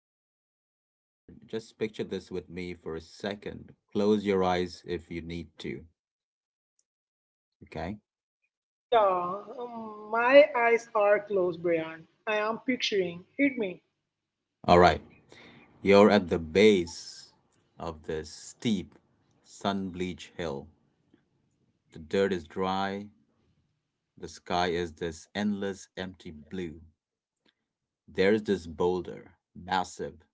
Okay, okay. Howard, just picture this with me for a second. Close your eyes if you need to. Okay? Yeah, my eyes are closed, Brian. I am picturing. Hit me. All right. You're at the base of this steep, sun bleached hill. The dirt is dry. The sky is this endless, empty blue. There's this boulder, massive,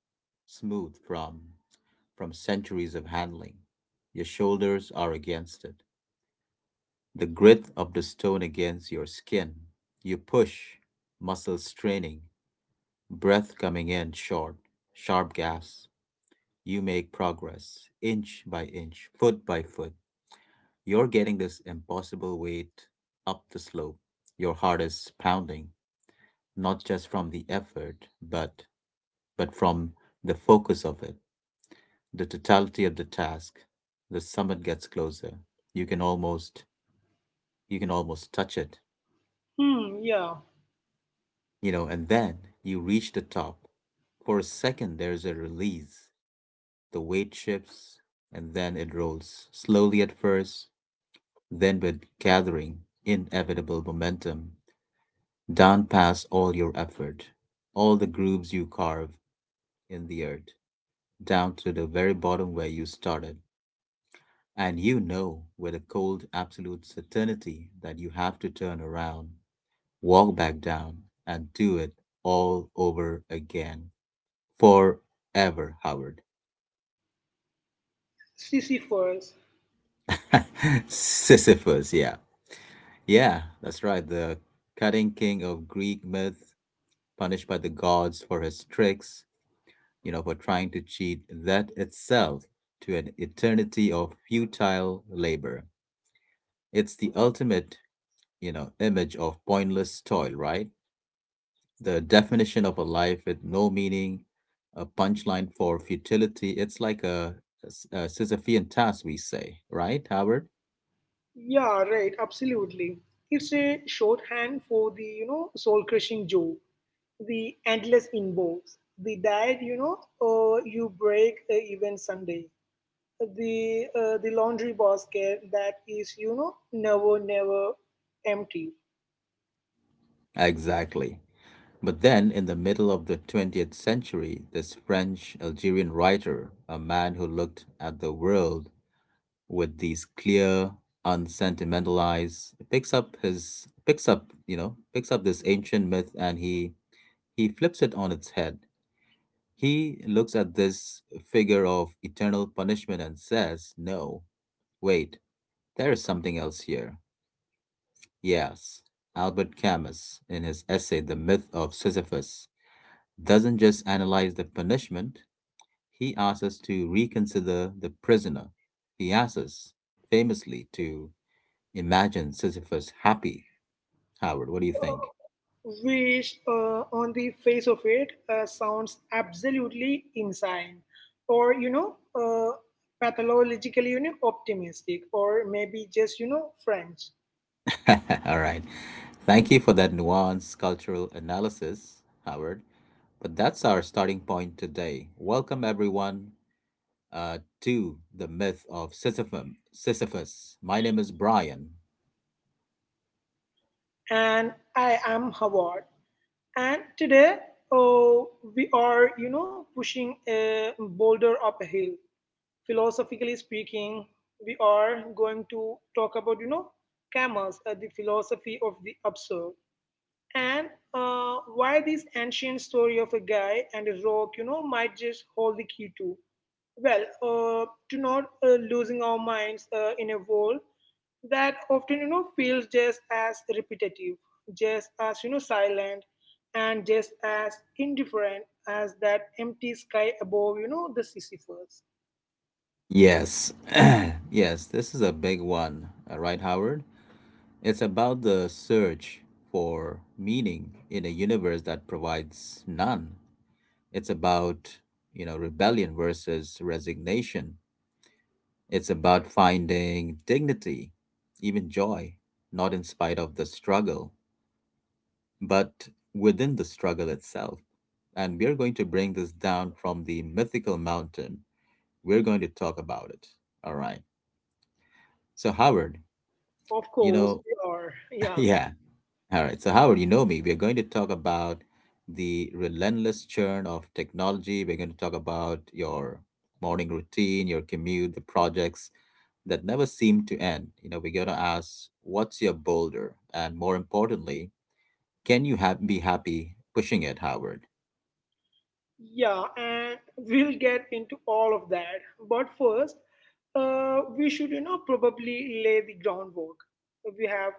smooth from centuries of handling. Your shoulders are against it. The grit of the stone against your skin. You push, muscles straining, breath coming in short, sharp gasps. You make progress, inch by inch, foot by foot. You're getting this impossible weight up the slope. Your heart is pounding, not just from the effort, but from the focus of it, the totality of the task. The summit gets closer. You can almost you can almost touch it. Hmm, yeah. And then you reach the top. For a second, there's a release. The weight shifts, and then it rolls slowly at first, then with gathering inevitable momentum down past all your effort, all the grooves you carve in the earth, down to the very bottom where you started. And you know with a cold, absolute certainty that you have to turn around, walk back down, and do it all over again. Forever, Howard. Sisyphus. Sisyphus, yeah. Yeah, that's right. The cutting king of Greek myth, punished by the gods for his tricks, for trying to cheat, that itself to an eternity of futile labor. It's the ultimate, image of pointless toil, right? The definition of a life with no meaning, a punchline for futility. It's like a Sisyphean task, we say, right, Howard? Yeah, right, absolutely. It's a shorthand for the soul-crushing job, the endless inbox, the diet, you break even Sunday, the laundry basket that is never, never empty. Exactly. But then, in the middle of the 20th century, this French Algerian writer, a man who looked at the world with these clear, unsentimental eyes, picks up his picks up, you know, picks up this ancient myth and he flips it on its head. He looks at this figure of eternal punishment and says, "No, wait, there is something else here." Yes, Albert Camus, in his essay The Myth of Sisyphus, doesn't just analyze the punishment, he asks us to reconsider the prisoner. He asks us, famously, to imagine Sisyphus happy. Howard, what do you think? Which, on the face of it, sounds absolutely insane or, pathologically, optimistic or maybe just french. All right. Thank you for that nuanced cultural analysis, Howard. But that's our starting point today. Welcome, everyone, to the myth of Sisyphus. My name is Brian. And I am Howard. And today, uh, we are pushing a boulder up a hill, philosophically speaking. We are going to talk about, Camus, the philosophy of the absurd. And why this ancient story of a guy and a rock, might just hold the key to? Well, to not losing our minds in a world that often, feels just as repetitive, just as, silent, and just as indifferent as that empty sky above, the Sisyphus. Yes. Yes, this is a big one. All right, Howard? It's about the search for meaning in a universe that provides none. It's about, rebellion versus resignation. It's about finding dignity, even joy, not in spite of the struggle, but within the struggle itself. And we're going to bring this down from the mythical mountain. We're going to talk about it. All right. So, Howard, Of you course, know, they are. Yeah. yeah, all right, so Howard, you know me. We are going to talk about the relentless churn of technology. We're going to talk about your morning routine, your commute, the projects that never seem to end. We're going to ask, what's your boulder? And more importantly, can you be happy pushing it, Howard? Yeah, and we'll get into all of that. But first, we should, probably lay the groundwork. We have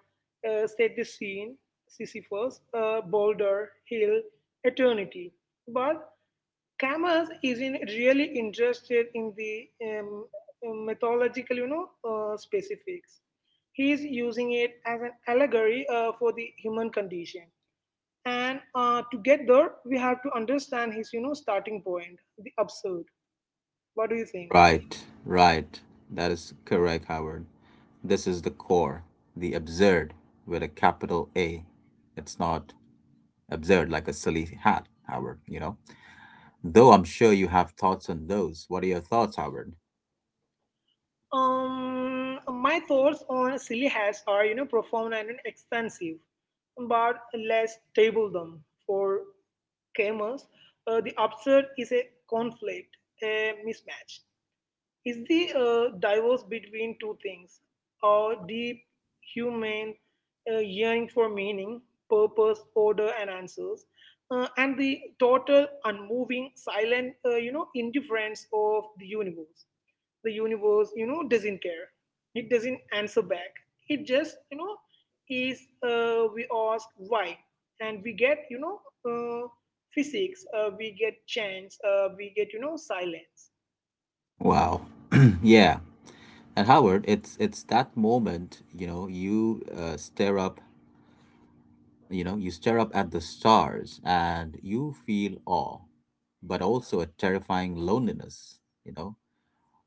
set the scene. Sisyphus, boulder, hill, eternity. But Camus isn't really interested in the mythological, specifics. He is using it as an allegory for the human condition, and to get there we have to understand his starting point, the absurd. What do you think? Right, right. That is correct, Howard. This is the core, the absurd with a capital A. It's not absurd like a silly hat, Howard, you know? Though I'm sure you have thoughts on those. What are your thoughts, Howard? My thoughts on silly hats are profound and extensive, but let's table them for gamers. The absurd is a conflict, a mismatch. Is the divorce between two things, our deep human yearning for meaning, purpose, order, and answers, and the total unmoving, silent, indifference of the universe. The universe, doesn't care. It doesn't answer back. It just, is. We ask why, and we get, uh, physics. We get chance. We get, silence. Wow. Yeah. And Howard, it's that moment, you you stare up at the stars and you feel awe, but also a terrifying loneliness, you know,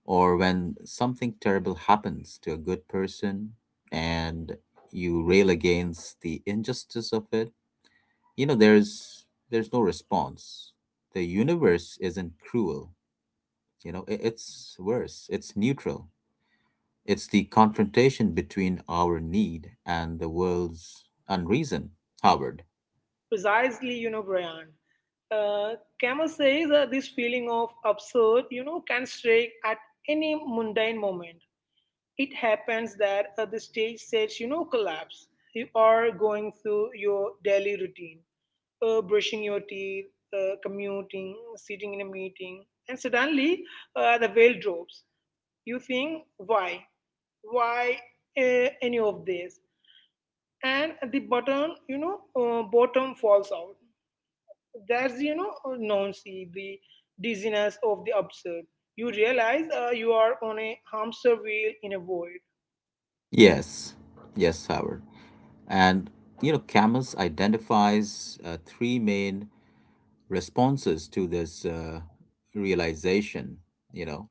or when something terrible happens to a good person and you rail against the injustice of it, there's no response. The universe isn't cruel. It's worse. It's neutral. It's the confrontation between our need and the world's unreason. Howard. Precisely, Brian. Camus says that this feeling of absurd, can strike at any mundane moment. It happens that the stage sets, collapse. You are going through your daily routine, brushing your teeth, commuting, sitting in a meeting, and suddenly the veil drops. You think, why? Why any of this? And the button, bottom falls out. That's, nonsense, the dizziness of the absurd. You realize you are on a hamster wheel in a void. Yes. Yes, Howard. And Camus identifies three main responses to this realization, you know.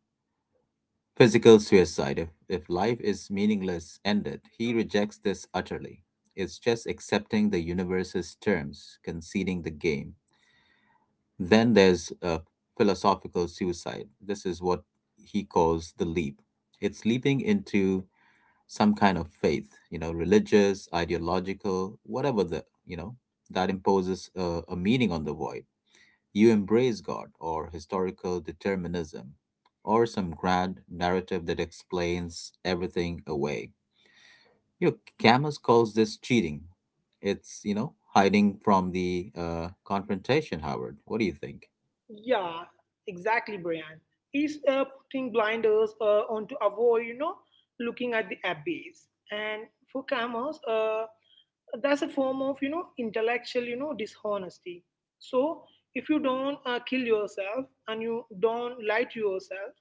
Physical suicide. If life is meaningless, ended. He rejects this utterly. It's just accepting the universe's terms, conceding the game. Then there's philosophical suicide. This is what he calls the leap. It's leaping into some kind of faith, you know, religious, ideological, whatever that imposes a meaning on the void. You embrace God or historical determinism or some grand narrative that explains everything away. Camus calls this cheating. It's, hiding from the confrontation, Howard. What do you think? Yeah, exactly, Brian. Is putting blinders on to avoid, looking at the abyss. And for cameras, that's a form of, intellectual, dishonesty. So if you don't kill yourself and you don't lie to yourself,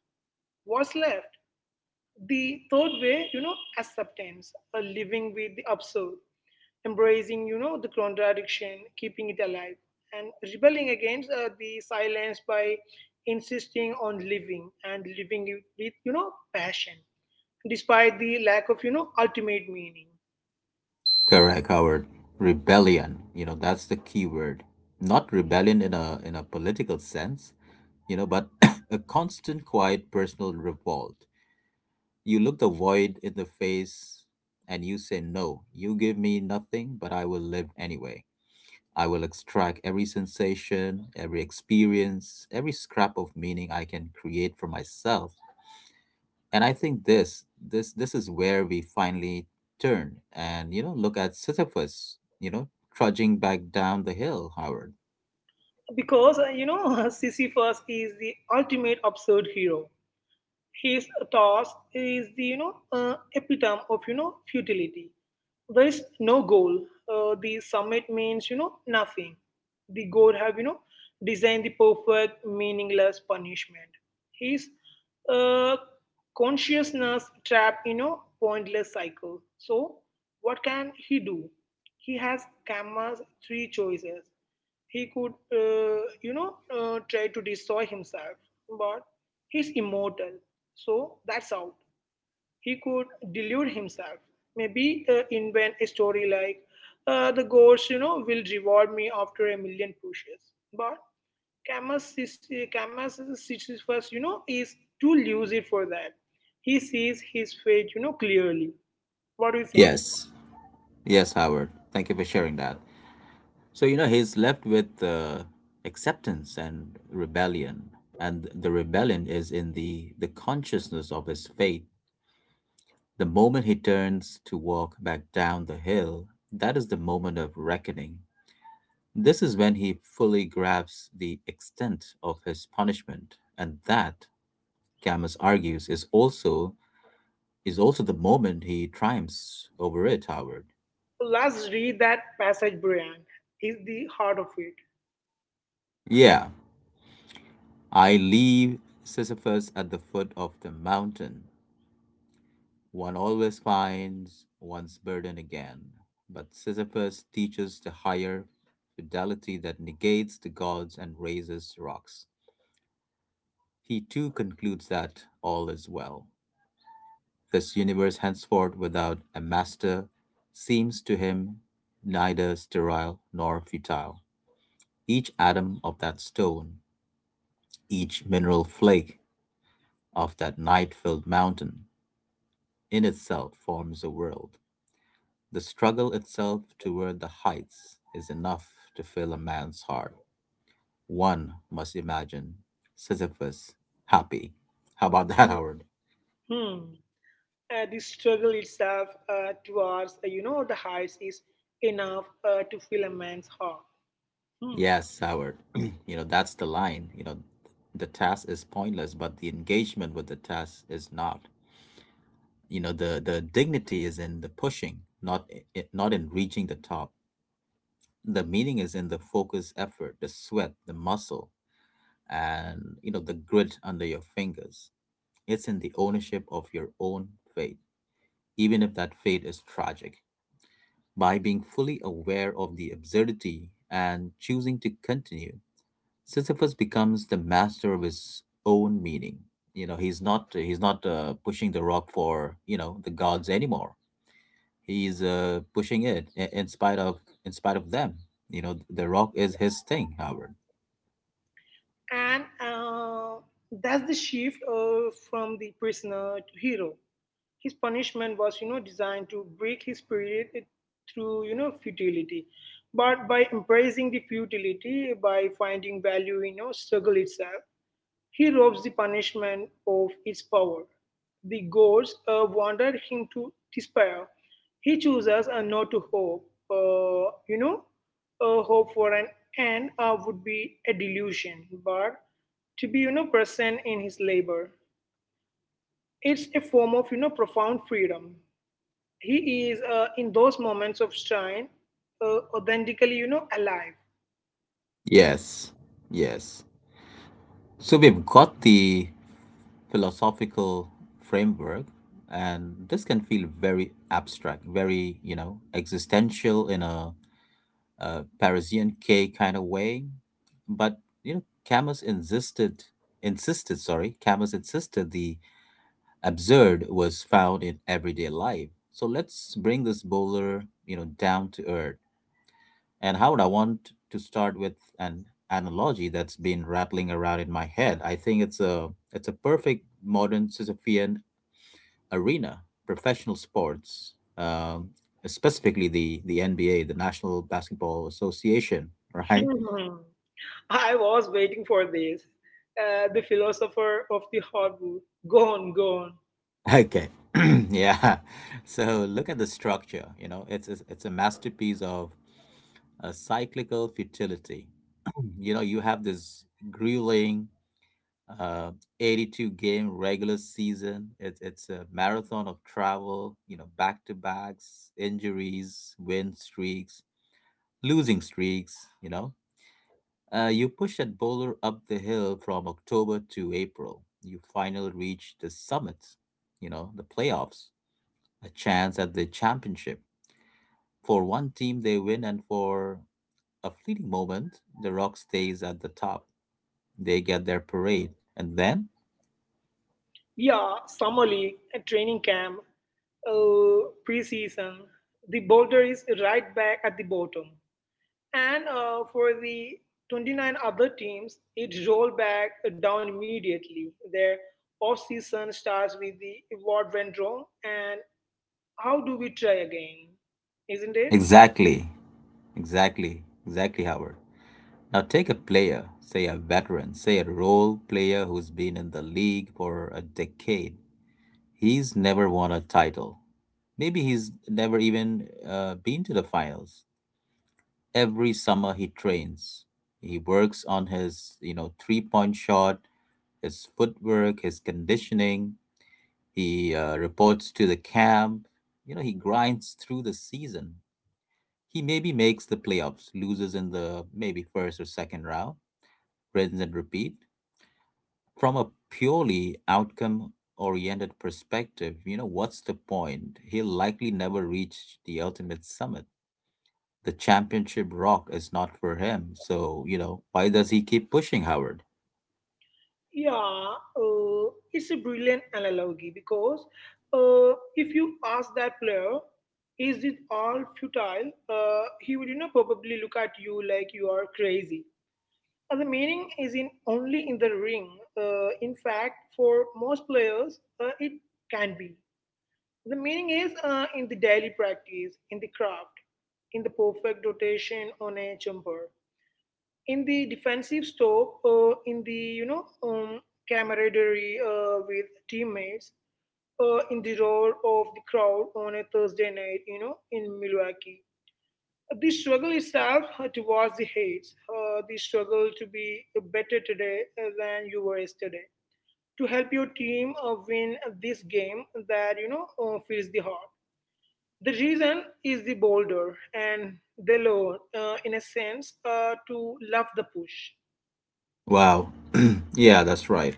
what's left? The third way, acceptance, or living with the absurd, embracing the contradiction, keeping it alive, and rebelling against the silence by insisting on living, and living it with passion, despite the lack of ultimate meaning. Correct, Howard. Rebellion, that's the key word. Not rebellion in a political sense, but a constant quiet personal revolt. You look the void in the face and you say no. You give me nothing, but I will live anyway. I will extract every sensation, every experience, every scrap of meaning I can create for myself. And I think this is where we finally turn and look at Sisyphus, trudging back down the hill, Howard. Because, Sisyphus is the ultimate absurd hero. His task is the epitome of futility. There is no goal. The summit means nothing. The god have designed the perfect meaningless punishment. His uh, consciousness trapped in a pointless cycle. So what can he do? He has Kama's three choices. He could try to destroy himself, but he's immortal. So that's out. He could delude himself, maybe invent a story like, the gods, will reward me after a million pushes. But Camus Sisyphus, is too lucid for that. He sees his fate, clearly. What do you think? Yes. Yes, Howard, thank you for sharing that. So he's left with acceptance and rebellion, and the rebellion is in the consciousness of his fate. The moment he turns to walk back down the hill, that is the moment of reckoning. This is when he fully grasps the extent of his punishment, and that, Camus argues, is also the moment he triumphs over it, Howard. Let's read that passage, Brian. Is the heart of it. Yeah, I leave Sisyphus at the foot of the mountain. One always finds one's burden again, but Sisyphus teaches the higher fidelity that negates the gods and raises rocks. He too concludes that all is well. This universe henceforth without a master seems to him neither sterile nor futile. Each atom of that stone, each mineral flake of that night filled mountain, in itself forms a world. The struggle itself toward the heights is enough to fill a man's heart. One must imagine Sisyphus happy. How about that, Howard? Hmm. The struggle itself towards, the heights is enough to fill a man's heart. Hmm. Yes, Howard. That's the line. The task is pointless, but the engagement with the task is not. The dignity is in the pushing, not not in reaching the top. The meaning is in the focus, effort, the sweat, the muscle, and the grit under your fingers. It's in the ownership of your own fate, even if that fate is tragic. By being fully aware of the absurdity and choosing to continue, Sisyphus becomes the master of his own meaning. He's not pushing the rock for the gods anymore. He's pushing it in spite of them. The rock is his thing, Howard. And that's the shift from the prisoner to hero. His punishment was, designed to break his spirit through, futility. But by embracing the futility, by finding value in, struggle itself, he robs the punishment of its power. The gods wanted him to despair. He chooses not to hope. Uh, you know, hope for an end would be a delusion, but to be present in his labor, it's a form of profound freedom. He is in those moments of strain, authentically alive. Yes, yes. So we've got the philosophical framework, and this can feel very abstract, very, existential in a Parisian K kind of way. But you know, Camus insisted Camus insisted the absurd was found in everyday life. So let's bring this bowler down to earth. And Howard, I want to start with an analogy that's been rattling around in my head. I think it's a perfect modern Sisyphean arena, professional sports. Specifically the NBA, the National Basketball Association, right? I was waiting for this. The philosopher of the harbor. Gone, gone. Okay. Yeah. So look at the structure, it's a masterpiece of a cyclical futility. You have this grueling uh 82 game regular season. It's a marathon of travel, back to backs, injuries, win streaks, losing streaks, you know. You push that bowler up the hill from October to April. You finally reach the summit, the playoffs, a chance at the championship. For one team, they win, and for a fleeting moment, The Rock stays at the top. They get their parade. And then? Yeah, summer league, a training camp, pre-season. The boulder is right back at the bottom. And for the 29 other teams, it rolled back down immediately. Their off-season starts with the what went wrong and how do we try again, isn't it? Exactly, exactly, exactly, Howard. Now take a player, say a veteran, say a role player who's been in the league for a decade. He's never won a title. Maybe he's never even been to the finals. Every summer he trains. He works on his, three-point shot, his footwork, his conditioning. He reports to the camp. He grinds through the season. He maybe makes the playoffs, loses in the maybe first or second round, rinse and repeat. From a purely outcome oriented perspective, what's the point? He'll likely never reach the ultimate summit. The championship rock is not for him. So, why does he keep pushing, Howard? Yeah, it's a brilliant analogy because if you ask that player, is it all futile? He would, probably look at you like you are crazy. And the meaning is in only in the ring. In fact, for most players, it can be. The meaning is in the daily practice, in the craft, in the perfect rotation on a jumper, in the defensive stop, in the you know um, camaraderie with teammates, in the roar of the crowd on a Thursday night, in Milwaukee. The struggle itself towards the hates, the struggle to be better today than you were yesterday, to help your team win this game that fills the heart. The reason is the boulder and the loan, in a sense, to love the push. Wow. Yeah, that's right.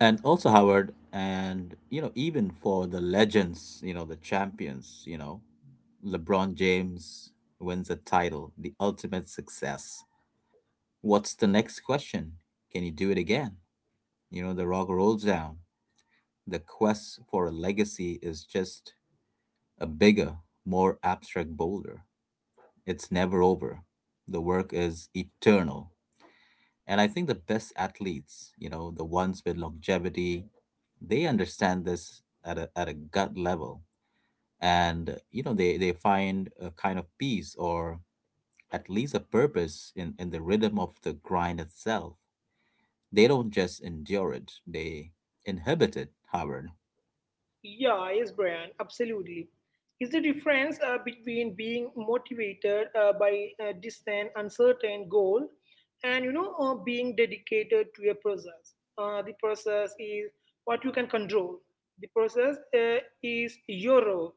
And also, Howard, even for the legends, the champions, LeBron James wins a title, the ultimate success. What's the next question? Can you do it again? The rock rolls down. The quest for a legacy is just a bigger, more abstract boulder. It's never over. The work is eternal. And I think the best athletes, the ones with longevity, they understand this at a gut level. And they find a kind of peace or at least a purpose in the rhythm of the grind itself. They don't just endure it, they inhibit it, Howard. Yeah, yes, Brian, absolutely. It's the difference between being motivated by a distant, uncertain goal, and, being dedicated to a process. The process is what you can control. The process is your rock.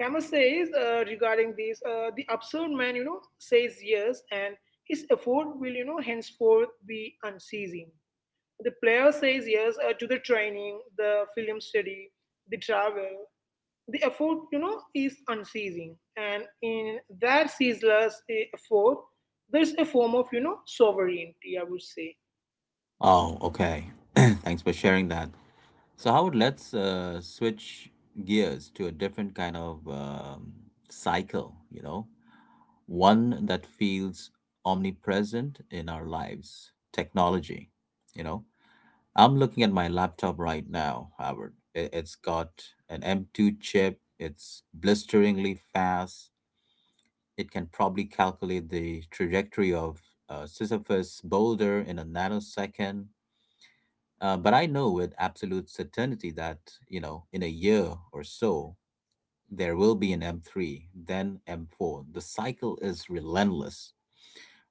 Camus says regarding this, the absurd man, says yes, and his effort will, henceforth be unceasing. The player says yes to the training, the film study, the travel. The effort, is unceasing, and in that ceaseless effort, there's a form of, sovereignty, I would say. Oh, okay. Thanks for sharing that. So, Howard, let's switch gears to a different kind of cycle. One that feels omnipresent in our lives, technology. you know I'm looking at my laptop right now, howard it's got an M2 chip. It's blisteringly fast. It can probably calculate the trajectory of a sisyphus boulder in a nanosecond. But I know with absolute certainty that in a year or so there will be an M3, then M4. The cycle is relentless.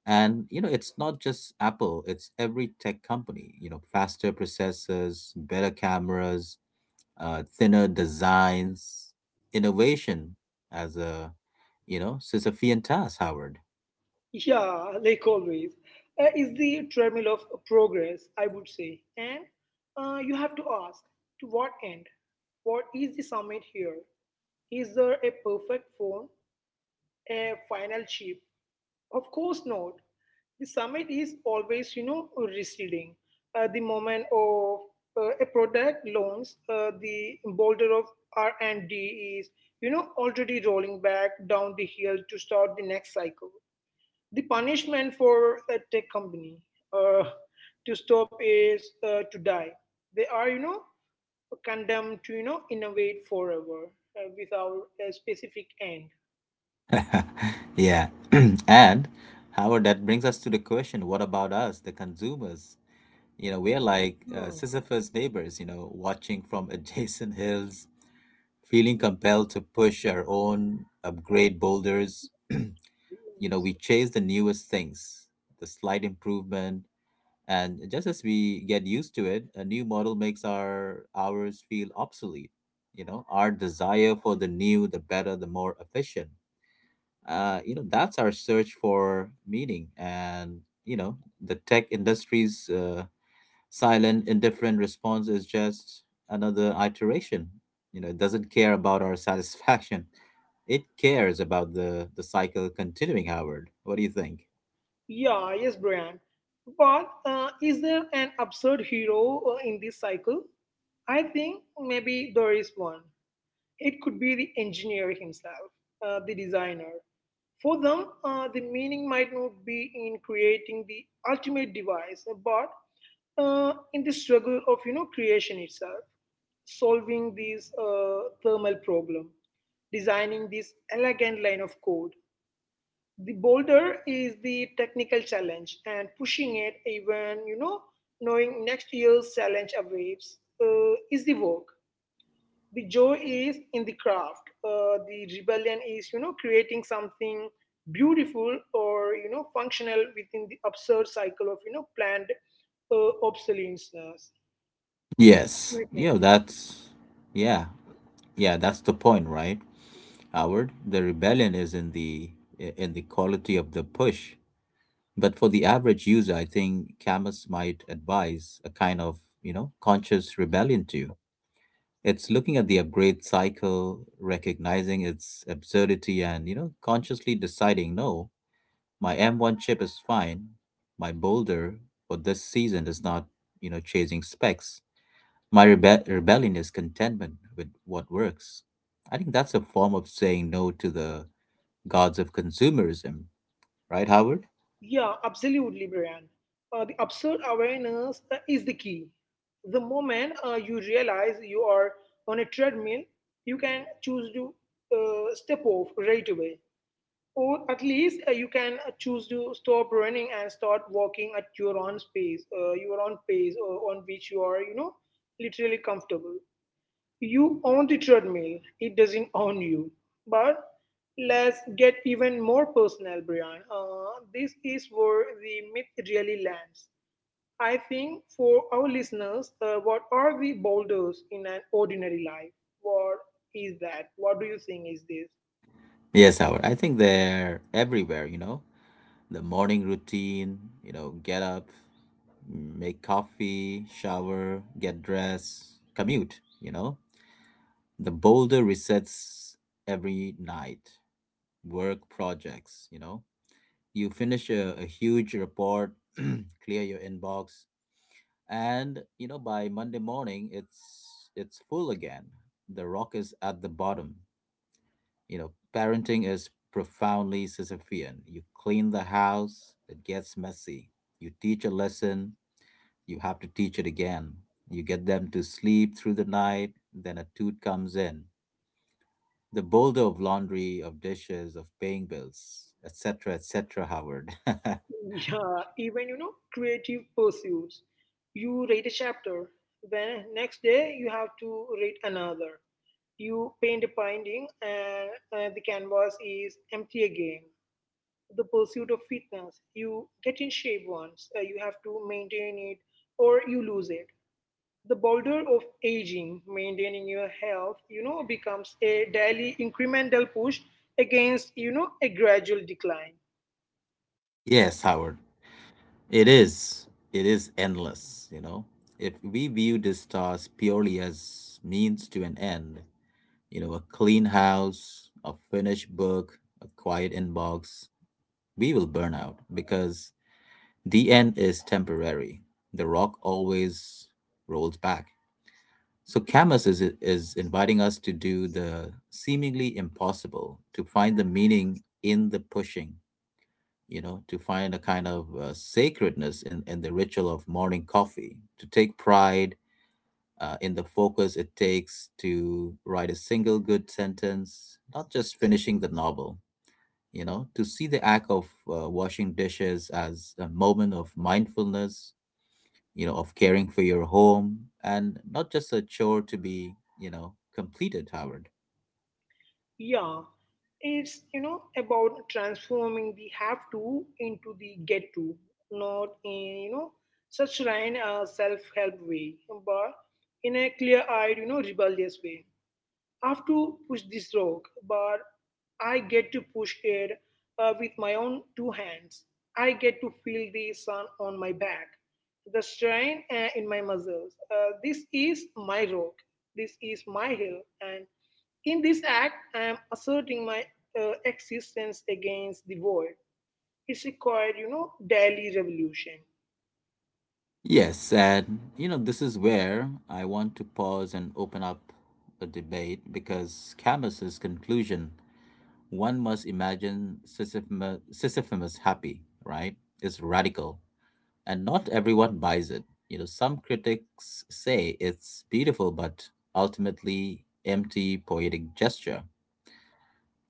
And it's not just Apple, it's every tech company. Faster processors, better cameras, thinner designs, innovation as a Sisyphean task, Howard. Yeah, like always, is the treadmill of progress, I would say. And you have to ask, to what end? What is the summit here? Is there a perfect form? A final shape? Of course not. The summit is always, receding. The moment of a product launch, the boulder of R&D is, already rolling back down the hill to start the next cycle. The punishment for a tech company uh, to stop is to die. They are, condemned to, innovate forever without a specific end. Yeah. And Howard, that brings us to the question, what about us, the consumers? We are like Hmm. Sisyphus neighbors, watching from adjacent hills, feeling compelled to push our own upgrade boulders. Hmm. We chase the newest things, the slight improvement. And just as we get used to it, a new model makes our hours feel obsolete. Our desire for the new, the better, the more efficient, that's our search for meaning. And you know the tech industry's silent, indifferent response is just another iteration. It doesn't care about our satisfaction, it cares about the cycle continuing. Howard, what do you think? Yeah, yes, Brian. But is there an absurd hero in this cycle? I think maybe there is one. It could be the engineer himself, the designer. For them, the meaning might not be in creating the ultimate device, but in the struggle of creation itself, solving this thermal problem, designing this elegant line of code. The boulder is the technical challenge, and pushing it, even knowing next year's challenge awaits, is the work. The joy is in the craft, the rebellion is creating something beautiful or functional within the absurd cycle of planned obsolescence. Yes, Everything. yeah, that's yeah, yeah, that's the point, right, Howard? The rebellion is in the quality of the push, but for the average user, I think Camus might advise a kind of conscious rebellion too. It's looking at the upgrade cycle, recognizing its absurdity, and consciously deciding, no, my M1 chip is fine, my Boulder for this season is not chasing specs. My rebellion is contentment with what works. I think that's a form of saying no to the gods of consumerism, right, Howard? Yeah, absolutely, Brian. The absurd awareness is the key. The moment you realize you are on a treadmill, you can choose to step off right away. Or at least you can choose to stop running and start walking at your own space, your own pace, on which you are, literally comfortable. You own the treadmill, it doesn't own you. But let's get even more personal, Brian. This is where the myth really lands. I think for our listeners, what are the boulders in an ordinary life? What is that? What do you think is this? Yes, Howard. I think they're everywhere. The morning routine, get up, make coffee, shower, get dressed, commute. The boulder resets every night. Work projects, you know? You finish a huge report, clear your inbox, and by monday morning it's full again. The rock is at the bottom. Parenting is profoundly sisyphean. You clean the house, it gets messy. You teach a lesson, you have to teach it again. You get them to sleep through the night, then a toot comes in. The boulder of laundry, of dishes, of paying bills, etc., etc., Howard. Yeah, even creative pursuits. You write a chapter, then next day you have to write another. You paint a painting, and the canvas is empty again. The pursuit of fitness. You get in shape once, you have to maintain it, or you lose it. The boulder of aging, maintaining your health, becomes a daily incremental push against, a gradual decline. Yes, howard. It is. It is endless. If we view this task purely as means to an end, a clean house, a finished book, a quiet inbox, we will burn out because the end is temporary. The rock always rolls back. So Camus is inviting us to do the seemingly impossible, to find the meaning in the pushing, to find a kind of sacredness in the ritual of morning coffee, to take pride in the focus it takes to write a single good sentence, not just finishing the novel, to see the act of washing dishes as a moment of mindfulness, of caring for your home and not just a chore to be, completed, Howard. Yeah, it's about transforming the have to into the get to, not in you know such a self help way, but in a clear eyed rebellious way. I have to push this rock, but I get to push it with my own two hands. I get to feel the sun on my back, the strain in my muscles. This is my rock. This is my hill. And in this act, I am asserting my existence against the void. It's a quiet, daily revolution. Yes, and this is where I want to pause and open up a debate, because Camus's conclusion, one must imagine Sisyphus, Sisyphus happy, right, is radical, and not everyone buys it. Some critics say it's beautiful but ultimately empty poetic gesture,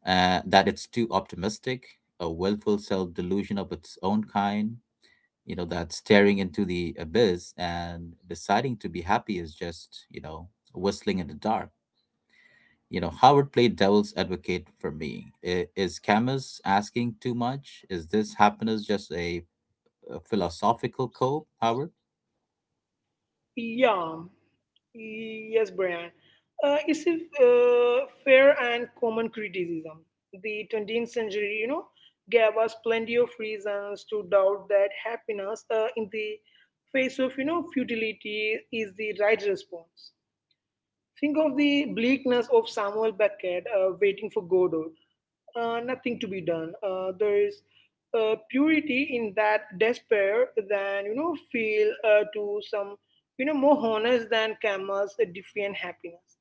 that it's too optimistic, a willful self delusion of its own kind, that staring into the abyss and deciding to be happy is just whistling in the dark. Howard, played devil's advocate for me. Is camus asking too much? Is this happiness just a philosophical code, howard? Yam. Yes, Brian. It's a fair and common criticism. The 20th century, gave us plenty of reasons to doubt that happiness in the face of, futility is the right response. Think of the bleakness of Samuel Beckett waiting for Godot. Nothing to be done. There is purity in that despair than, feel to some, more honest than Camus' defiant happiness.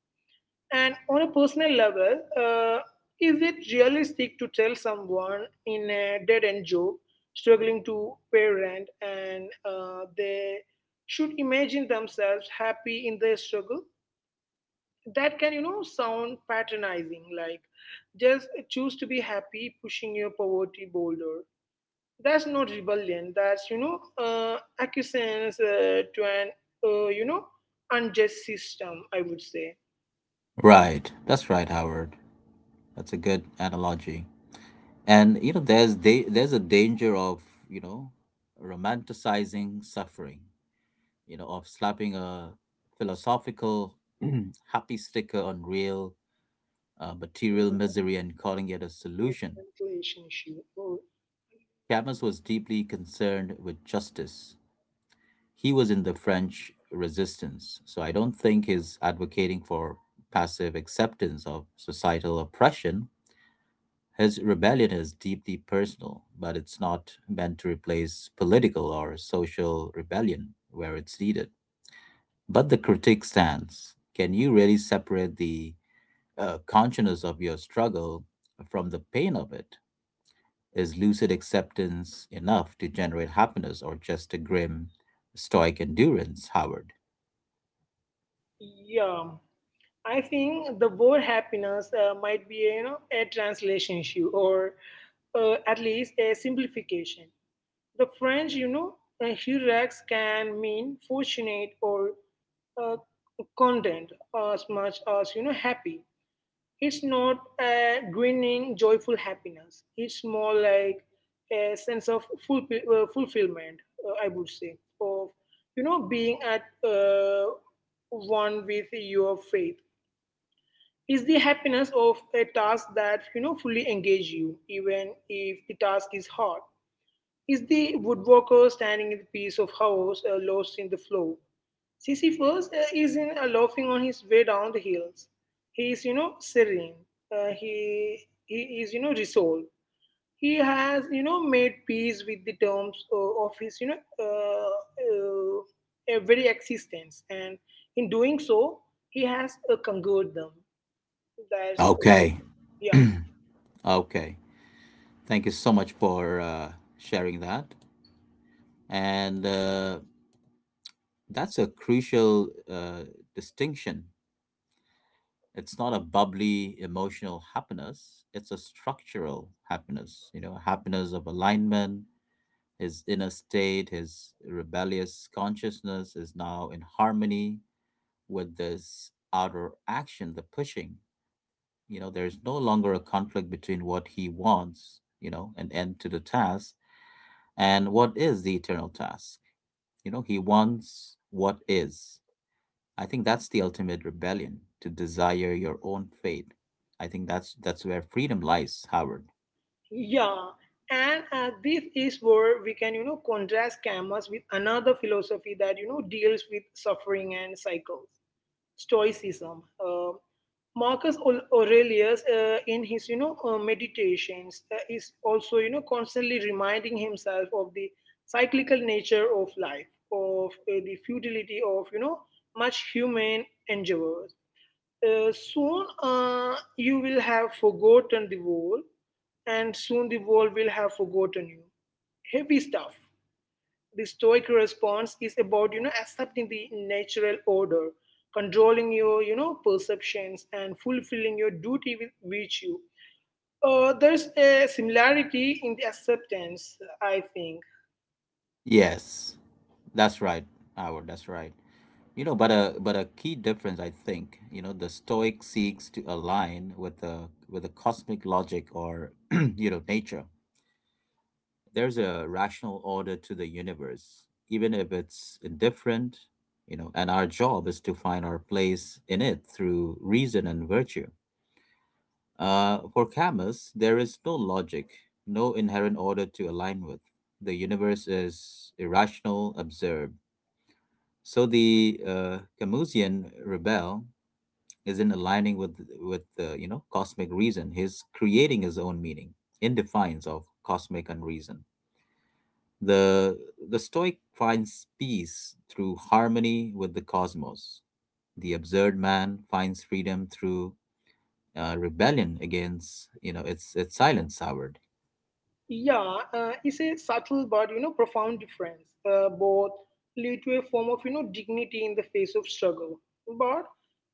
And on a personal level, is it realistic to tell someone in a dead-end job struggling to pay rent and they should imagine themselves happy in their struggle? That can sound patronizing, like just choose to be happy pushing your poverty boulder. That's not rebellion, that's acquiescence to an uh, you know unjust system, I would say. Right, that's right, howard. That's a good analogy. And there's there's a danger of you know romanticizing suffering, of slapping a philosophical happy sticker on real material misery and calling it a solution. Translation issue. Oh, Camus was deeply concerned with justice. He was in the French resistance, so I don't think he's advocating for passive acceptance of societal oppression. His rebellion is deeply personal, but it's not meant to replace political or social rebellion where it's needed. But the critique stands. Can you really separate the consciousness of your struggle from the pain of it? Is lucid acceptance enough to generate happiness, or just a grim, stoic endurance, Howard? yeah, I think the word happiness might be a, a translation issue or at least a simplification. The French, hurax can mean fortunate or uh, content as much as happy. It's not a grinning, joyful happiness. It's more like a sense of fulfillment, I would say, of being at one with your faith. Is the happiness of a task that fully engage you, even if the task is hard. Is the woodworker standing in the piece of house lost in the flow. Sisyphus is in loafing on his way down the hills. He is, serene. Uh, he he is, resolved. He has, made peace with the terms of his, very existence, and in doing so, he has conquered them. That's Okay, yeah. okay. Thank you so much for sharing that. And that's a crucial distinction. It's not a bubbly emotional happiness, it's a structural happiness, happiness of alignment. His inner state, his rebellious consciousness is now in harmony with this outer action, the pushing. There is no longer a conflict between what he wants, an end to the task, and what is the eternal task. He wants what is. I think that's the ultimate rebellion, to desire your own fate. I think that's where freedom lies, Howard. Yeah, and this is where we can, contrast Camus with another philosophy that, deals with suffering and cycles. Stoicism. Aurelius, in his, meditations, is also, constantly reminding himself of the cyclical nature of life, of the futility of, much human endeavors. Soon you will have forgotten the wall, and soon the wall will have forgotten you. Heavy stuff. The stoic response is about accepting the natural order, controlling your perceptions, and fulfilling your duty with virtue. There's a similarity in the acceptance, I think. Yes, that's right, Howard. That's right. But a key difference, I think, the Stoic seeks to align with the cosmic logic or nature. There's a rational order to the universe, even if it's indifferent. And our job is to find our place in it through reason and virtue. For Camus, there is no logic, no inherent order to align with. The universe is irrational, absurd. So the Camusian rebel isn't aligning with cosmic reason. He's creating his own meaning in defiance of cosmic unreason. The the Stoic finds peace through harmony with the cosmos. The absurd man finds freedom through rebellion against its silence, Howard. Yeah, it's a subtle but profound difference. Both lead to a form of dignity in the face of struggle, but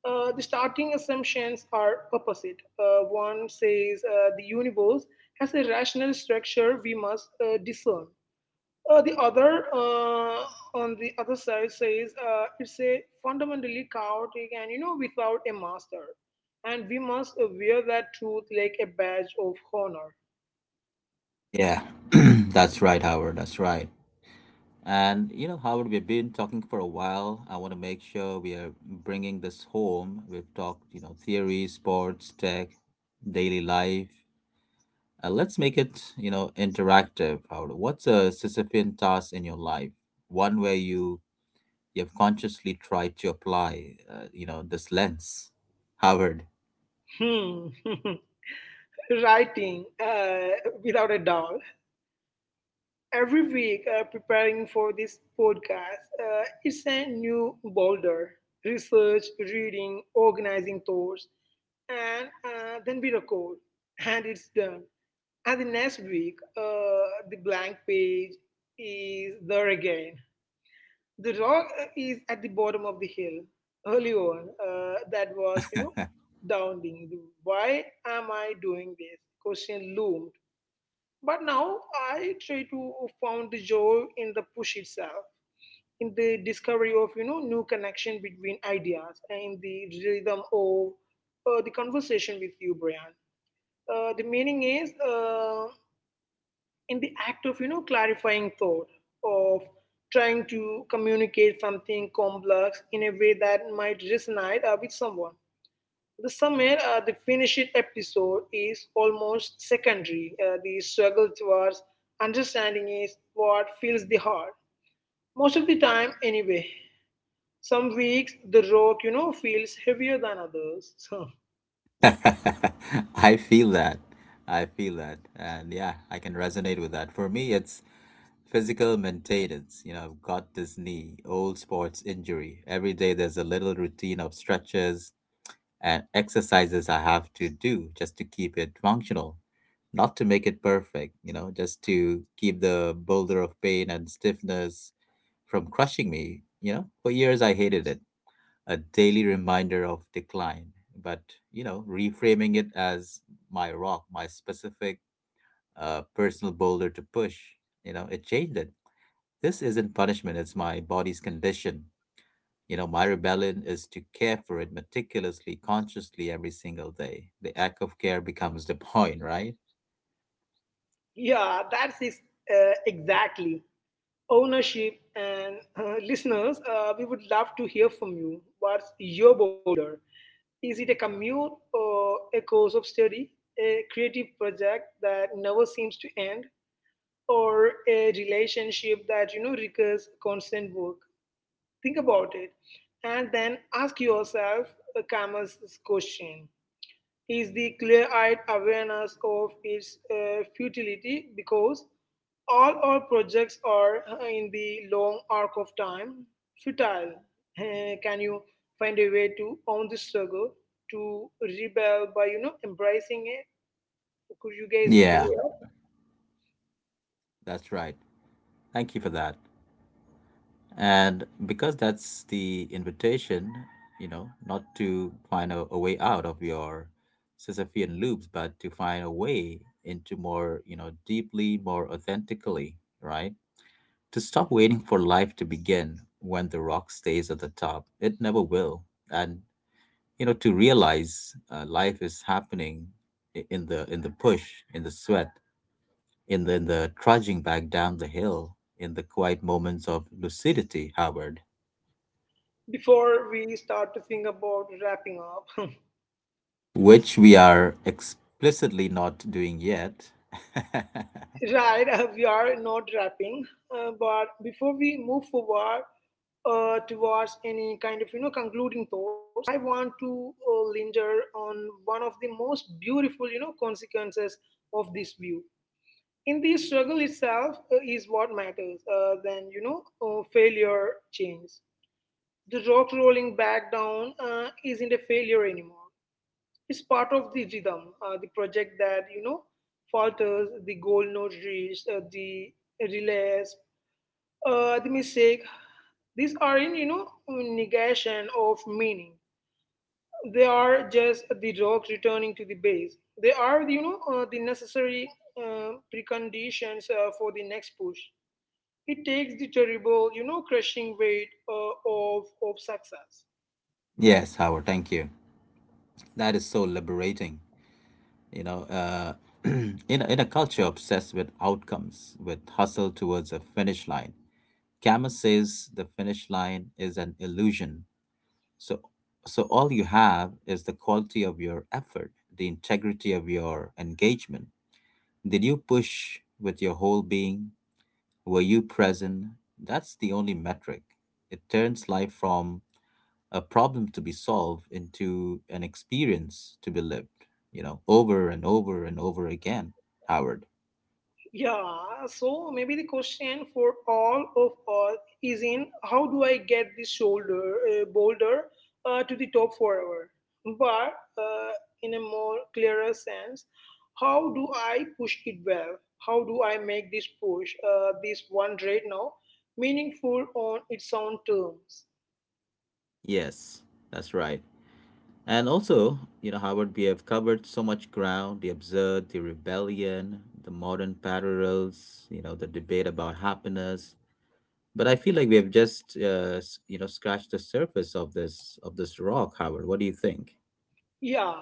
the starting assumptions are opposite. One says the universe has a rational structure we must discern. The other, on the other side, says it's a fundamentally chaotic and without a master, and we must wear that truth like a badge of honor. Yeah, that's right, Howard. That's right. And Howard, we've been talking for a while. I want to make sure we are bringing this home. We've talked, theory, sports, tech, daily life. Let's make it interactive, Howard. What's a Sisyphean task in your life? One where you have consciously tried to apply this lens, Howard. Hmm. Writing without a doubt. Every week, preparing for this podcast, it's a new boulder: research, reading, organizing thoughts, and then we record, and it's done. And the next week, the blank page is there again. The rock is at the bottom of the hill. Early on, that was, doubting. Why am I doing this? Question loomed, but now I try to found the joy in the push itself, in the discovery of new connection between ideas, and in the rhythm of the conversation with you, Brian. The meaning is in the act of clarifying thought, of trying to communicate something complex in a way that might resonate with someone. The summer, the finished episode is almost secondary. The struggle towards understanding is what fills the heart. Most of the time, anyway. Some weeks, the rock, feels heavier than others. So, I feel that. I feel that. And yeah, I can resonate with that. For me, it's physical maintenance. I've got this knee, old sports injury. Every day there's a little routine of stretches and exercises I have to do just to keep it functional, not to make it perfect, just to keep the boulder of pain and stiffness from crushing me. For years I hated it, a daily reminder of decline. But, reframing it as my rock, my specific personal boulder to push, it changed it. This isn't punishment, it's my body's condition. My rebellion is to care for it meticulously, consciously, every single day. The act of care becomes the point, right? yeah, that's it, exactly. Ownership. And listeners, we would love to hear from you. What's your boulder? Is it a commute or a course of study? A creative project that never seems to end? Or a relationship that requires constant work? Think about it, and then ask yourself the karma's question. Is the clear-eyed awareness of its futility, because all our projects are in the long arc of time futile? Can you find a way to own the struggle, to rebel by embracing it? Could you guys do Yeah, it that's right. Thank you for that. And because that's the invitation, not to find a way out of your Sisyphean loops, but to find a way into more, deeply, more authentically, right? To stop waiting for life to begin, when the rock stays at the top, it never will. And to realize life is happening, in the push, in the sweat, in the trudging back down the hill, in the quiet moments of lucidity, Howard, before we start to think about wrapping up? which we are explicitly not doing yet. Right, we are not wrapping, but before we move forward towards any kind of, concluding thoughts, I want to linger on one of the most beautiful, consequences of this view. In the struggle itself is what matters, then, failure changes. The rock rolling back down isn't a failure anymore. Is part of the rhythm, the project that falters, the goal not reached, the relapse, the mistake. These are in negation of meaning. They are just the rock returning to the base. They are the necessary preconditions for the next push. It takes the terrible crushing weight of success. Yes, Howard, thank you. That is so liberating. you know uh, in a culture obsessed with outcomes, with hustle towards a finish line, camus says the finish line is an illusion. So so all you have is the quality of your effort, the integrity of your engagement. Did you push with your whole being? Were you present? That's the only metric. It turns life from a problem to be solved into an experience to be lived, over and over and over again, Howard. Yeah, so maybe the question for all of us is in how do I get this shoulder boulder to the top forever? But uh, in a more clearer sense, how do I push it well? How do I make this push, this one right now, meaningful on its own terms? Yes, that's right. And also, Howard, we have covered so much ground, the absurd, the rebellion, the modern parallels, the debate about happiness. But I feel like we have just, scratched the surface of this rock, Howard. What do you think? Yeah,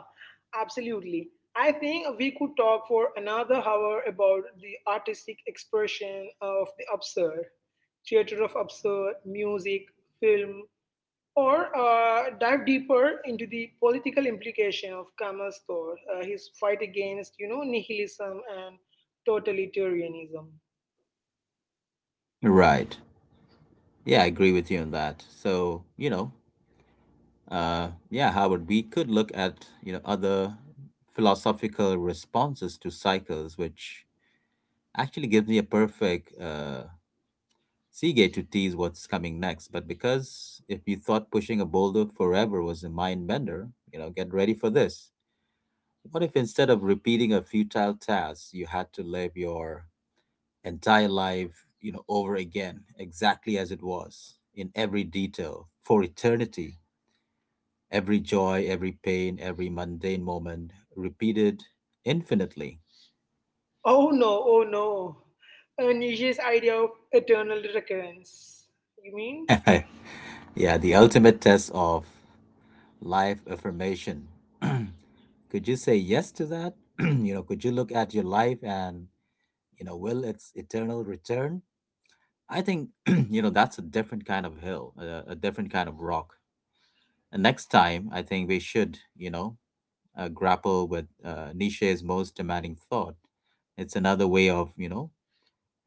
absolutely. I think we could talk for another hour about the artistic expression of the absurd, theater of absurd, music, film, or dive deeper into the political implication of Camus' thought, his fight against, nihilism and totalitarianism. Right. Yeah, I agree with you on that. So, Howard, we could look at other philosophical responses to cycles, which actually gives me a perfect seagate to tease what's coming next. But because if you thought pushing a boulder forever was a mind bender, you know, get ready for this. What if instead of repeating a futile task, you had to live your entire life, you know, over again, exactly as it was, in every detail, for eternity? Every joy, every pain, every mundane moment repeated infinitely. Oh no, oh no. Nietzsche's idea of eternal recurrence. You mean? Yeah, the ultimate test of life affirmation. Could you say yes to that? You know, could you look at your life and, you know, will its eternal return? I think, you know, that's a different kind of hill, a different kind of rock. And next time, I think we should, you know, grapple with Nietzsche's most demanding thought. It's another way of, you know,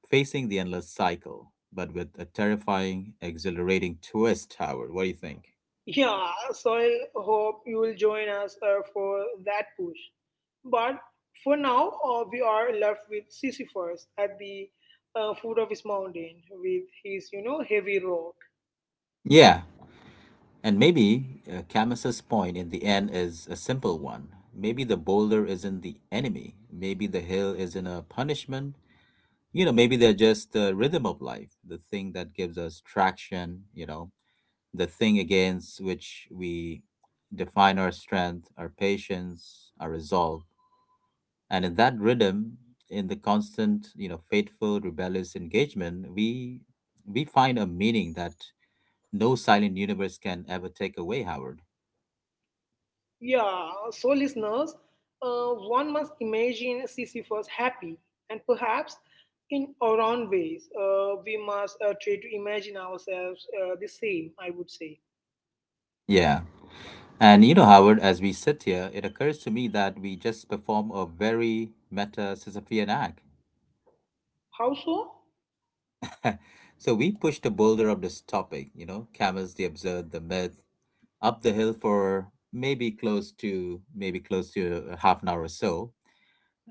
facing the endless cycle, but with a terrifying, exhilarating twist, Howard. What do you think? Yeah, so I hope you will join us for that push. But for now, we are left with Sisyphus at the foot of his mountain with his, heavy rock. Yeah, and maybe Camus's point in the end is a simple one. Maybe the boulder isn't the enemy. Maybe the hill isn't a punishment. You know, maybe they're just the rhythm of life, the thing that gives us traction, you know, the thing against which we define our strength, our patience, our resolve. And in that rhythm, in the constant, you know, faithful, rebellious engagement, we find a meaning that no silent universe can ever take away, Howard. Yeah, so listeners, one must imagine Sisyphus happy, and perhaps in our own ways, we must try to imagine ourselves the same, I would say. Yeah. And you know, Howard, as we sit here, it occurs to me that we just perform a very meta Sisyphean act. How so? So we push the boulder of this topic, you know, camels, the absurd, the myth, up the hill for maybe close to half an hour or so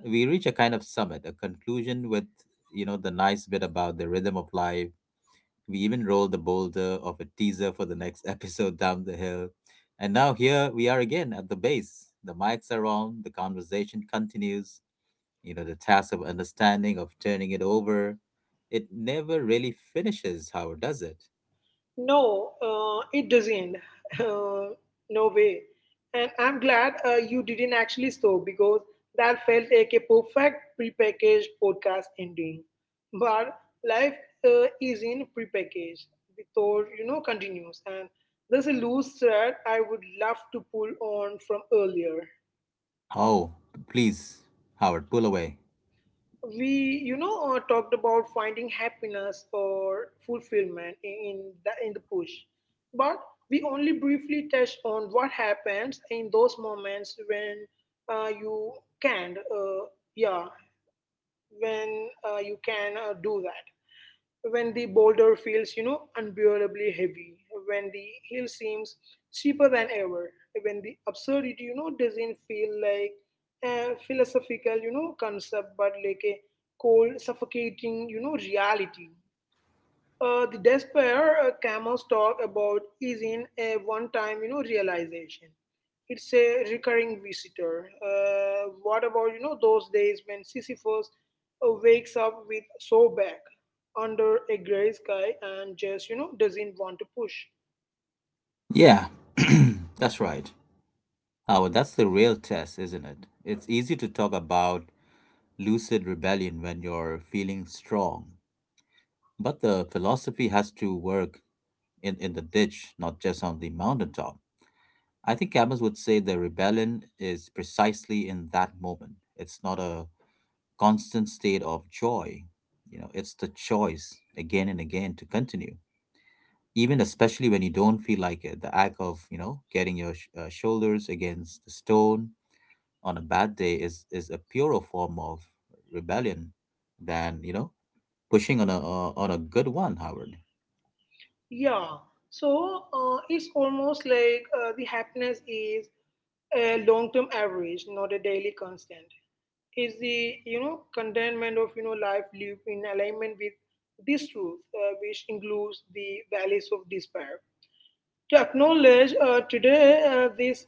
we reach a kind of summit, a conclusion with, you know, the nice bit about the rhythm of life. We even rolled the boulder of a teaser for the next episode down the hill. And now here we are again at the base. The mics are on, the conversation continues, you know, the task of understanding, of turning it over. It never really finishes, Howard, does it? No, it doesn't. Uh, no way. And I'm glad you didn't actually stop, because that felt like a perfect prepackaged podcast ending. But life is in prepackaged. The thought, continues. And there's a loose thread I would love to pull on from earlier. Oh, please, Howard, pull away. We talked about finding happiness or fulfillment in in the push, but we only briefly touched on what happens in those moments when you can't yeah when you can do that, when the boulder feels unbearably heavy, when the hill seems cheaper than ever, when the absurdity doesn't feel like a philosophical concept but like a cold, suffocating reality. Uh, the despair camels talk about is in a one-time, realization. It's a recurring visitor. What about those days when Sisyphus wakes up with sore back under a gray sky and just doesn't want to push? Yeah, that's right. Howard, that's the real test, isn't it? It's easy to talk about lucid rebellion when you're feeling strong. But the philosophy has to work in the ditch, not just on the mountaintop. I think Camus would say the rebellion is precisely in that moment. It's not a constant state of joy. You know, it's the choice again and again to continue. Even especially when you don't feel like it, the act of, you know, getting your shoulders against the stone on a bad day is a purer form of rebellion than, you know, pushing on a good one, Howard. Yeah. So it's almost like the happiness is a long-term average, not a daily constant. Is the contentment of life lived in alignment with this truth, which includes the valleys of despair, to acknowledge today this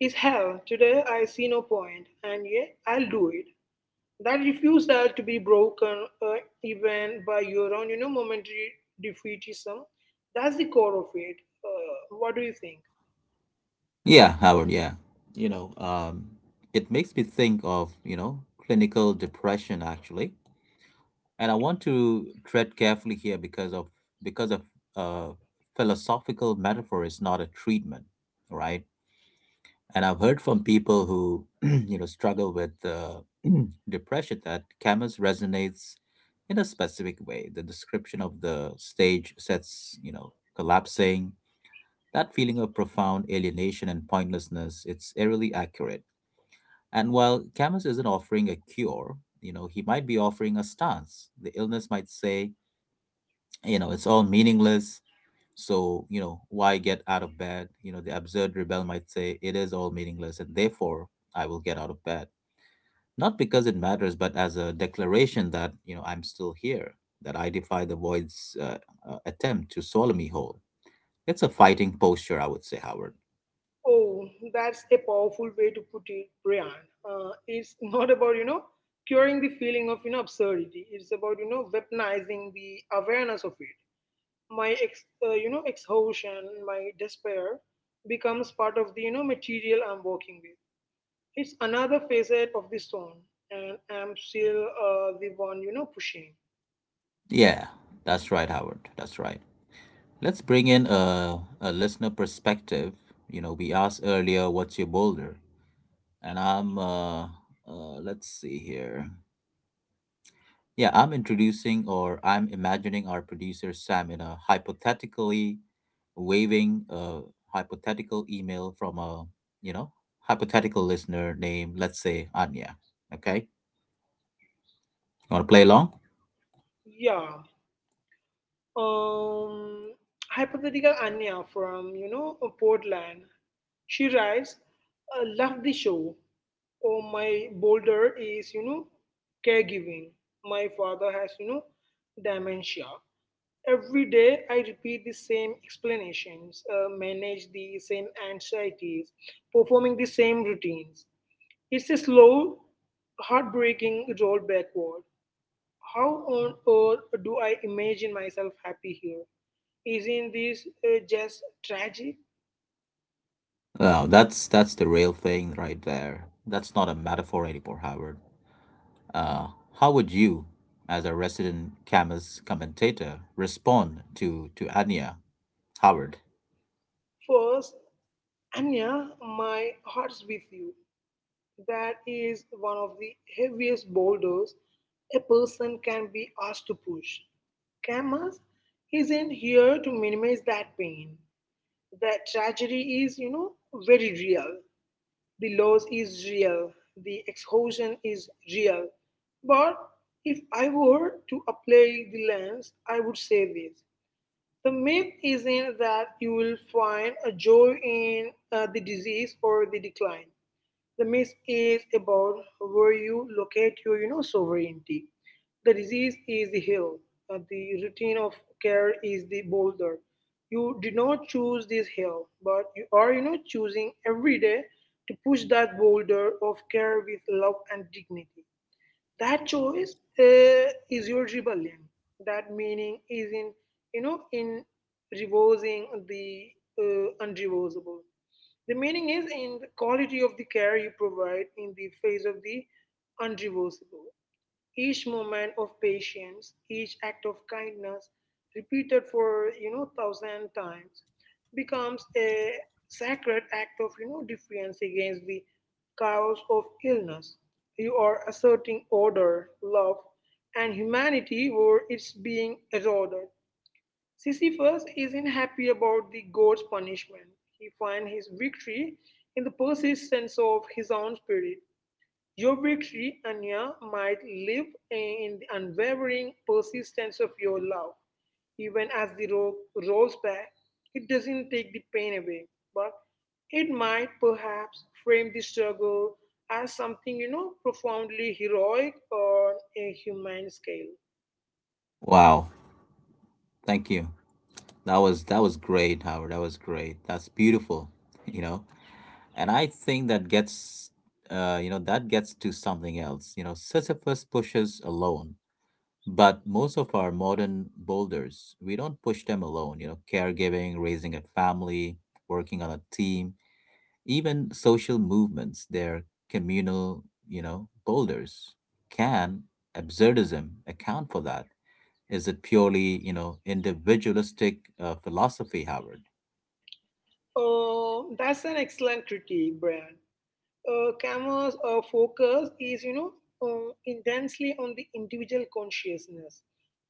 is hell, today I see no point, and yet I'll do it. That refusal to be broken, uh, even by your own, momentary defeatism, that's the core of it. What do you think? Yeah, Howard, yeah. You know, it makes me think of, you know, clinical depression actually. And I want to tread carefully here because of uh philosophical metaphor is not a treatment, right? And I've heard from people who, you know, struggle with depression that Camus resonates in a specific way. The description of the stage sets, you know, collapsing, that feeling of profound alienation and pointlessness, it's eerily accurate. And while Camus isn't offering a cure, you know, he might be offering a stance. The illness might say, you know, it's all meaningless. So, you know, why get out of bed? You know, the absurd rebel might say, it is all meaningless and therefore I will get out of bed. Not because it matters, but as a declaration that, you know, I'm still here, that I defy the void's attempt to swallow me whole. It's a fighting posture, I would say, Howard. Oh, that's a powerful way to put it, Brian. It's not about, curing the feeling of, absurdity. It's about, weaponizing the awareness of it. My exhaustion, my despair becomes part of the material I'm working with. It's another facet of the stone, and I'm still the one pushing. Yeah, that's right, Howard. That's right. Let's bring in a listener perspective. You know, we asked earlier, what's your boulder? And let's see here. Yeah, I'm introducing or I'm imagining our producer Sam in a hypothetically waving a hypothetical email from a, you know, hypothetical listener named, let's say, Anya. Okay? You want to play along? Yeah, um hypothetical Anya from Portland, she writes, love the show. Oh, my boulder is caregiving. My father has dementia. Every day I repeat the same explanations, manage the same anxieties, performing the same routines. It's a slow, heartbreaking roll backward. How on earth do I imagine myself happy here? Isn't this just tragic? Wow, that's the real thing right there. That's not a metaphor anymore, Howard. Uh, how would you, as a resident Camus commentator, respond to Anya Howard? First, Anya, my heart's with you. That is one of the heaviest boulders a person can be asked to push. Camus is in here to minimize that pain. That tragedy is very real. The loss is real. The exhaustion is real. But if I were to apply the lens, I would say this: the myth isn't that you will find a joy in the disease or the decline. The myth is about where you locate your sovereignty. The disease is the hill. The routine of care is the boulder. You did not choose this hill, but you are choosing every day to push that boulder of care with love and dignity. That choice is your rebellion. That meaning is in, in reversing the unreversible. The meaning is in the quality of the care you provide in the face of the unreversible. Each moment of patience, each act of kindness, repeated for thousand times, becomes a sacred act of defiance against the chaos of illness. You are asserting order, love, and humanity where it's being eroded. Sisyphus isn't happy about the god's punishment. He finds his victory in the persistence of his own spirit. Your victory, Anya, might live in the unwavering persistence of your love. Even as the rock rolls back, it doesn't take the pain away, but it might perhaps frame the struggle as something profoundly heroic on a human scale. Wow, thank you. That was great, Howard. That was great. That's beautiful, you know. And I think that gets, you know, that gets to something else. You know, Sisyphus pushes alone, but most of our modern boulders, we don't push them alone. You know, caregiving, raising a family, working on a team, even social movements, their communal, you know, boulders. Can absurdism account for that? Is it purely, you know, individualistic philosophy, Howard? Oh, that's an excellent critique, Brian. Kama's focus is intensely on the individual consciousness.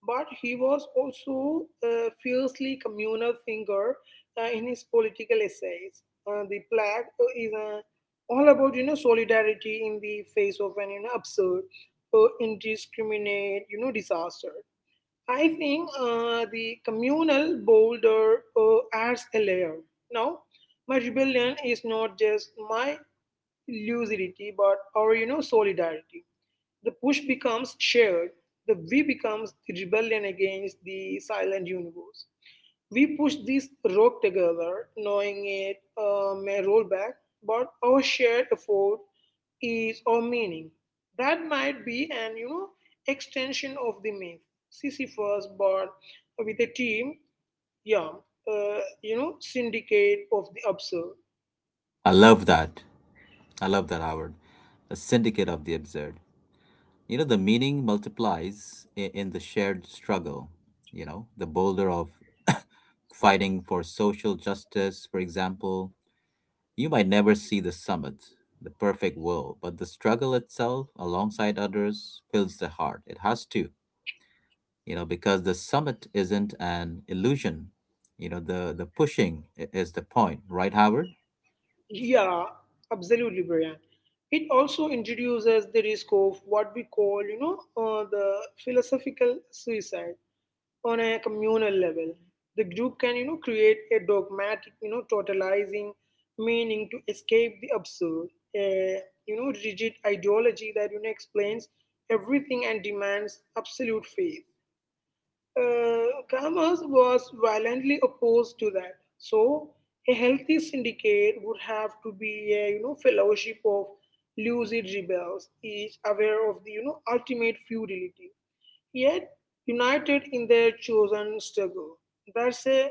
But he was also a fiercely communal thinker in his political essays. The plaque is all about, solidarity in the face of an absurd, indiscriminate, disaster. I think the communal boulder adds a layer. Now, my rebellion is not just my lucidity but, or solidarity. The push becomes shared. The we becomes the rebellion against the silent universe. We push this rock together, knowing it may roll back, but our shared effort is our meaning. That might be an, extension of the myth. Sisyphus, but with a team. Yeah, syndicate of the absurd. I love that. I love that, Howard. A syndicate of the absurd. You know, the meaning multiplies in the shared struggle. You know, the boulder of fighting for social justice, for example, you might never see the summit, the perfect world, but the struggle itself, alongside others, fills the heart. It has to, you know, because the summit isn't an illusion. You know, the pushing is the point, right, Howard? Yeah, absolutely, Brian. It also introduces the risk of what we call, the philosophical suicide on a communal level. The group can, create a dogmatic, totalizing meaning to escape the absurd, a, rigid ideology that explains everything and demands absolute faith. Kramers was violently opposed to that. So a healthy syndicate would have to be a, fellowship of lucid rebels, each aware of the, ultimate futility, yet united in their chosen struggle. That's a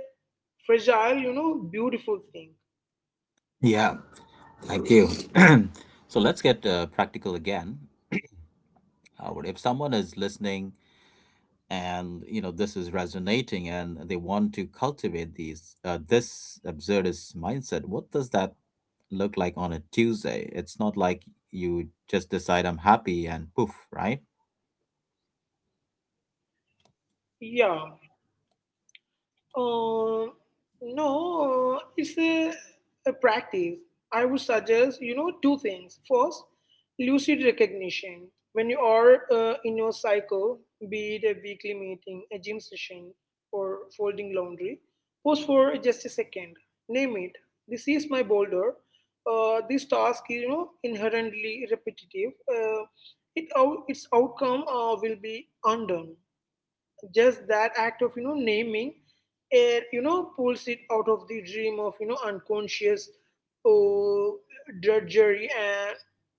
fragile, beautiful thing. Yeah. Thank you. So let's get practical again, Howard. If someone is listening and you know this is resonating and they want to cultivate these this absurdist mindset, what does that look like on a Tuesday? It's not like you just decide I'm happy and poof, right? Yeah. Uh, no, it's a practice. I would suggest, two things. First, lucid recognition. When you are in your cycle, be it a weekly meeting, a gym session, or folding laundry, pause for just a second. Name it. This is my boulder. This task is, inherently repetitive. Its outcome will be undone. Just that act of naming air pulls it out of the dream of unconscious, oh, drudgery, and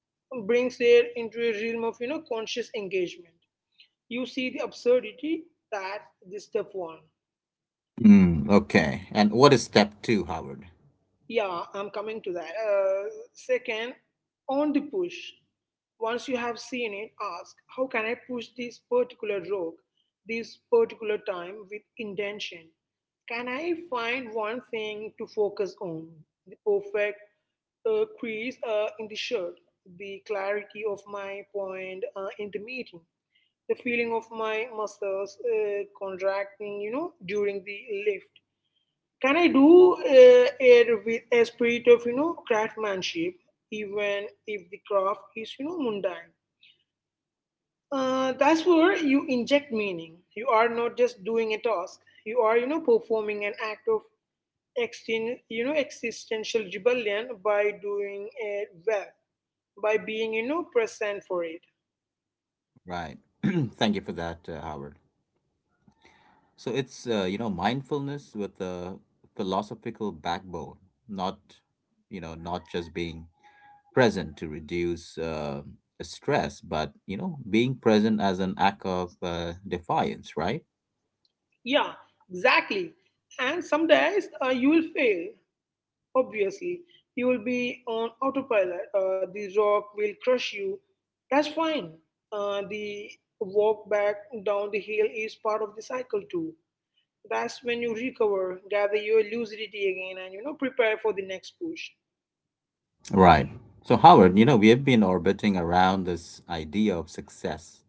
brings it into a realm of conscious engagement. You see the absurdity. That's the step one. Mm, okay, and what is step two, Howard? Yeah, I'm coming to that. Second, on the push. Once you have seen it, ask: how can I push this particular rock, this particular time, with intention? Can I find one thing to focus on? The perfect crease in the shirt, the clarity of my point in the meeting, the feeling of my muscles contracting, during the lift. Can I do it with a spirit of craftsmanship, even if the craft is, mundane? That's where you inject meaning. You are not just doing a task. You are, performing an act of existential rebellion by doing it well, by being, present for it. Right. Thank you for that Howard. So it's you know, mindfulness with a philosophical backbone, not you know, not just being present to reduce stress, but you know, being present as an act of defiance, right? Yeah, exactly. And some days you will fail. Obviously, you will be on autopilot. The rock will crush you. That's fine. The walk back down the hill is part of the cycle too. That's when you recover, gather your lucidity again, and prepare for the next push. Right. So, Howard, you know, we have been orbiting around this idea of success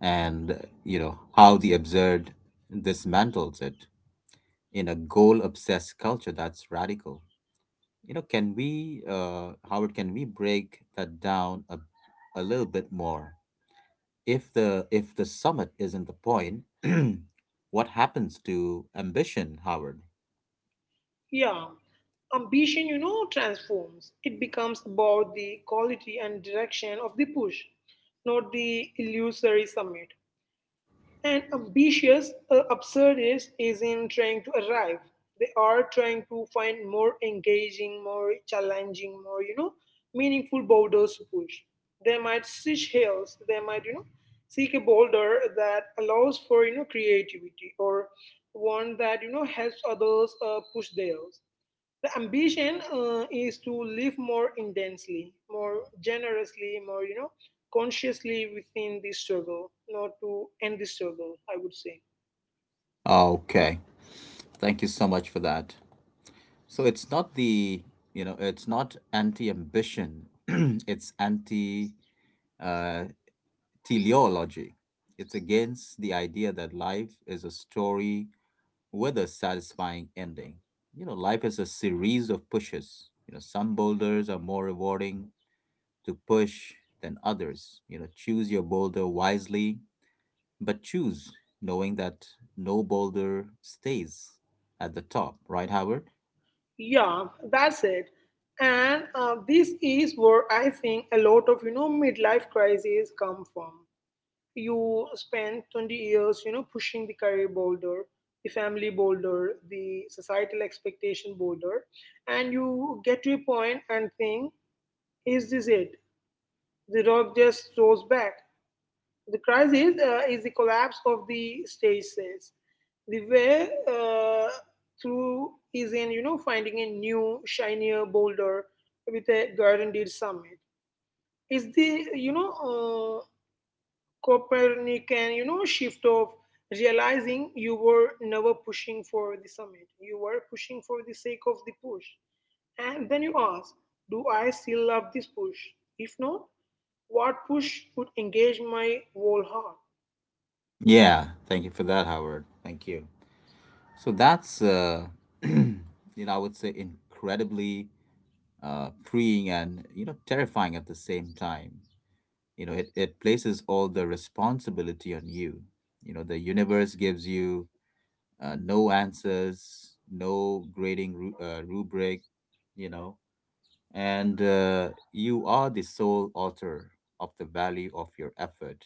and, you know, how the absurd dismantles it in a goal obsessed culture that's radical. You know, can we, Howard, can we break that down a little bit more? If the summit isn't the point, what happens to ambition, Howard? Yeah, ambition, transforms. It becomes about the quality and direction of the push, not the illusory summit. And ambitious, absurd is in trying to arrive. They are trying to find more engaging, more challenging, more, meaningful boulders to push. They might switch hills. They might, seek a boulder that allows for, creativity, or one that, helps others push theirs. The ambition is to live more intensely, more generously, more, consciously within the struggle, not to end the struggle, I would say. Okay, thank you so much for that. So it's not the you know, it's not anti ambition, it's anti uh, teleology. It's against the idea that life is a story with a satisfying ending. You know, life is a series of pushes, you know, some boulders are more rewarding to push than others. You know, choose your boulder wisely, but choose knowing that no boulder stays at the top, right, Howard? Yeah, that's it. And this is where I think a lot of, midlife crises come from. You spend 20 years, pushing the career boulder, the family boulder, the societal expectation boulder, and you get to a point and think, is this it? The rock just rolls back. The crisis is the collapse of the stage sales. The way through is in, finding a new, shinier boulder with a guaranteed summit. It's the, Copernican, shift of realizing you were never pushing for the summit. You were pushing for the sake of the push, and then you ask, "Do I still love this push? If not, what push would engage my whole heart?" Yeah, thank you for that, Howard. Thank you. So that's, you know, I would say incredibly freeing and, you know, terrifying at the same time. You know, it places all the responsibility on you. You know, the universe gives you no answers, no grading rubric, you know, and you are the sole author of the value of your effort.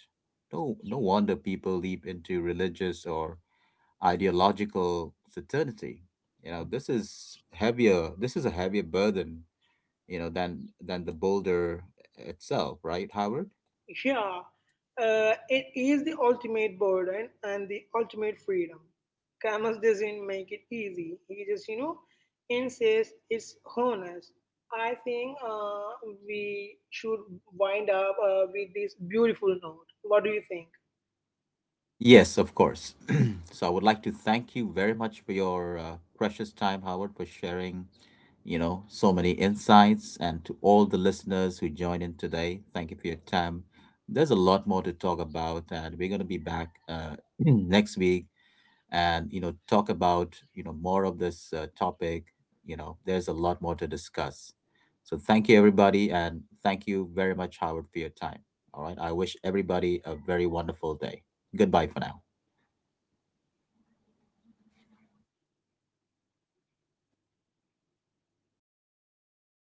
No wonder people leap into religious or ideological certainty. You know, this is heavier. This is a heavier burden, you know, than the boulder itself, right, Howard? Yeah, it is the ultimate burden and the ultimate freedom. Camus doesn't make it easy. He just, insists it's honest. I think we should wind up with this beautiful note. What do you think? Yes, of course. So I would like to thank you very much for your precious time, Howard, for sharing, you know, so many insights, and to all the listeners who joined in today. Thank you for your time. There's a lot more to talk about, and we're going to be back next week and you know talk about you know more of this topic. You know, there's a lot more to discuss. So thank you, everybody, and thank you very much, Howard, for your time. All right, I wish everybody a very wonderful day. Goodbye for now.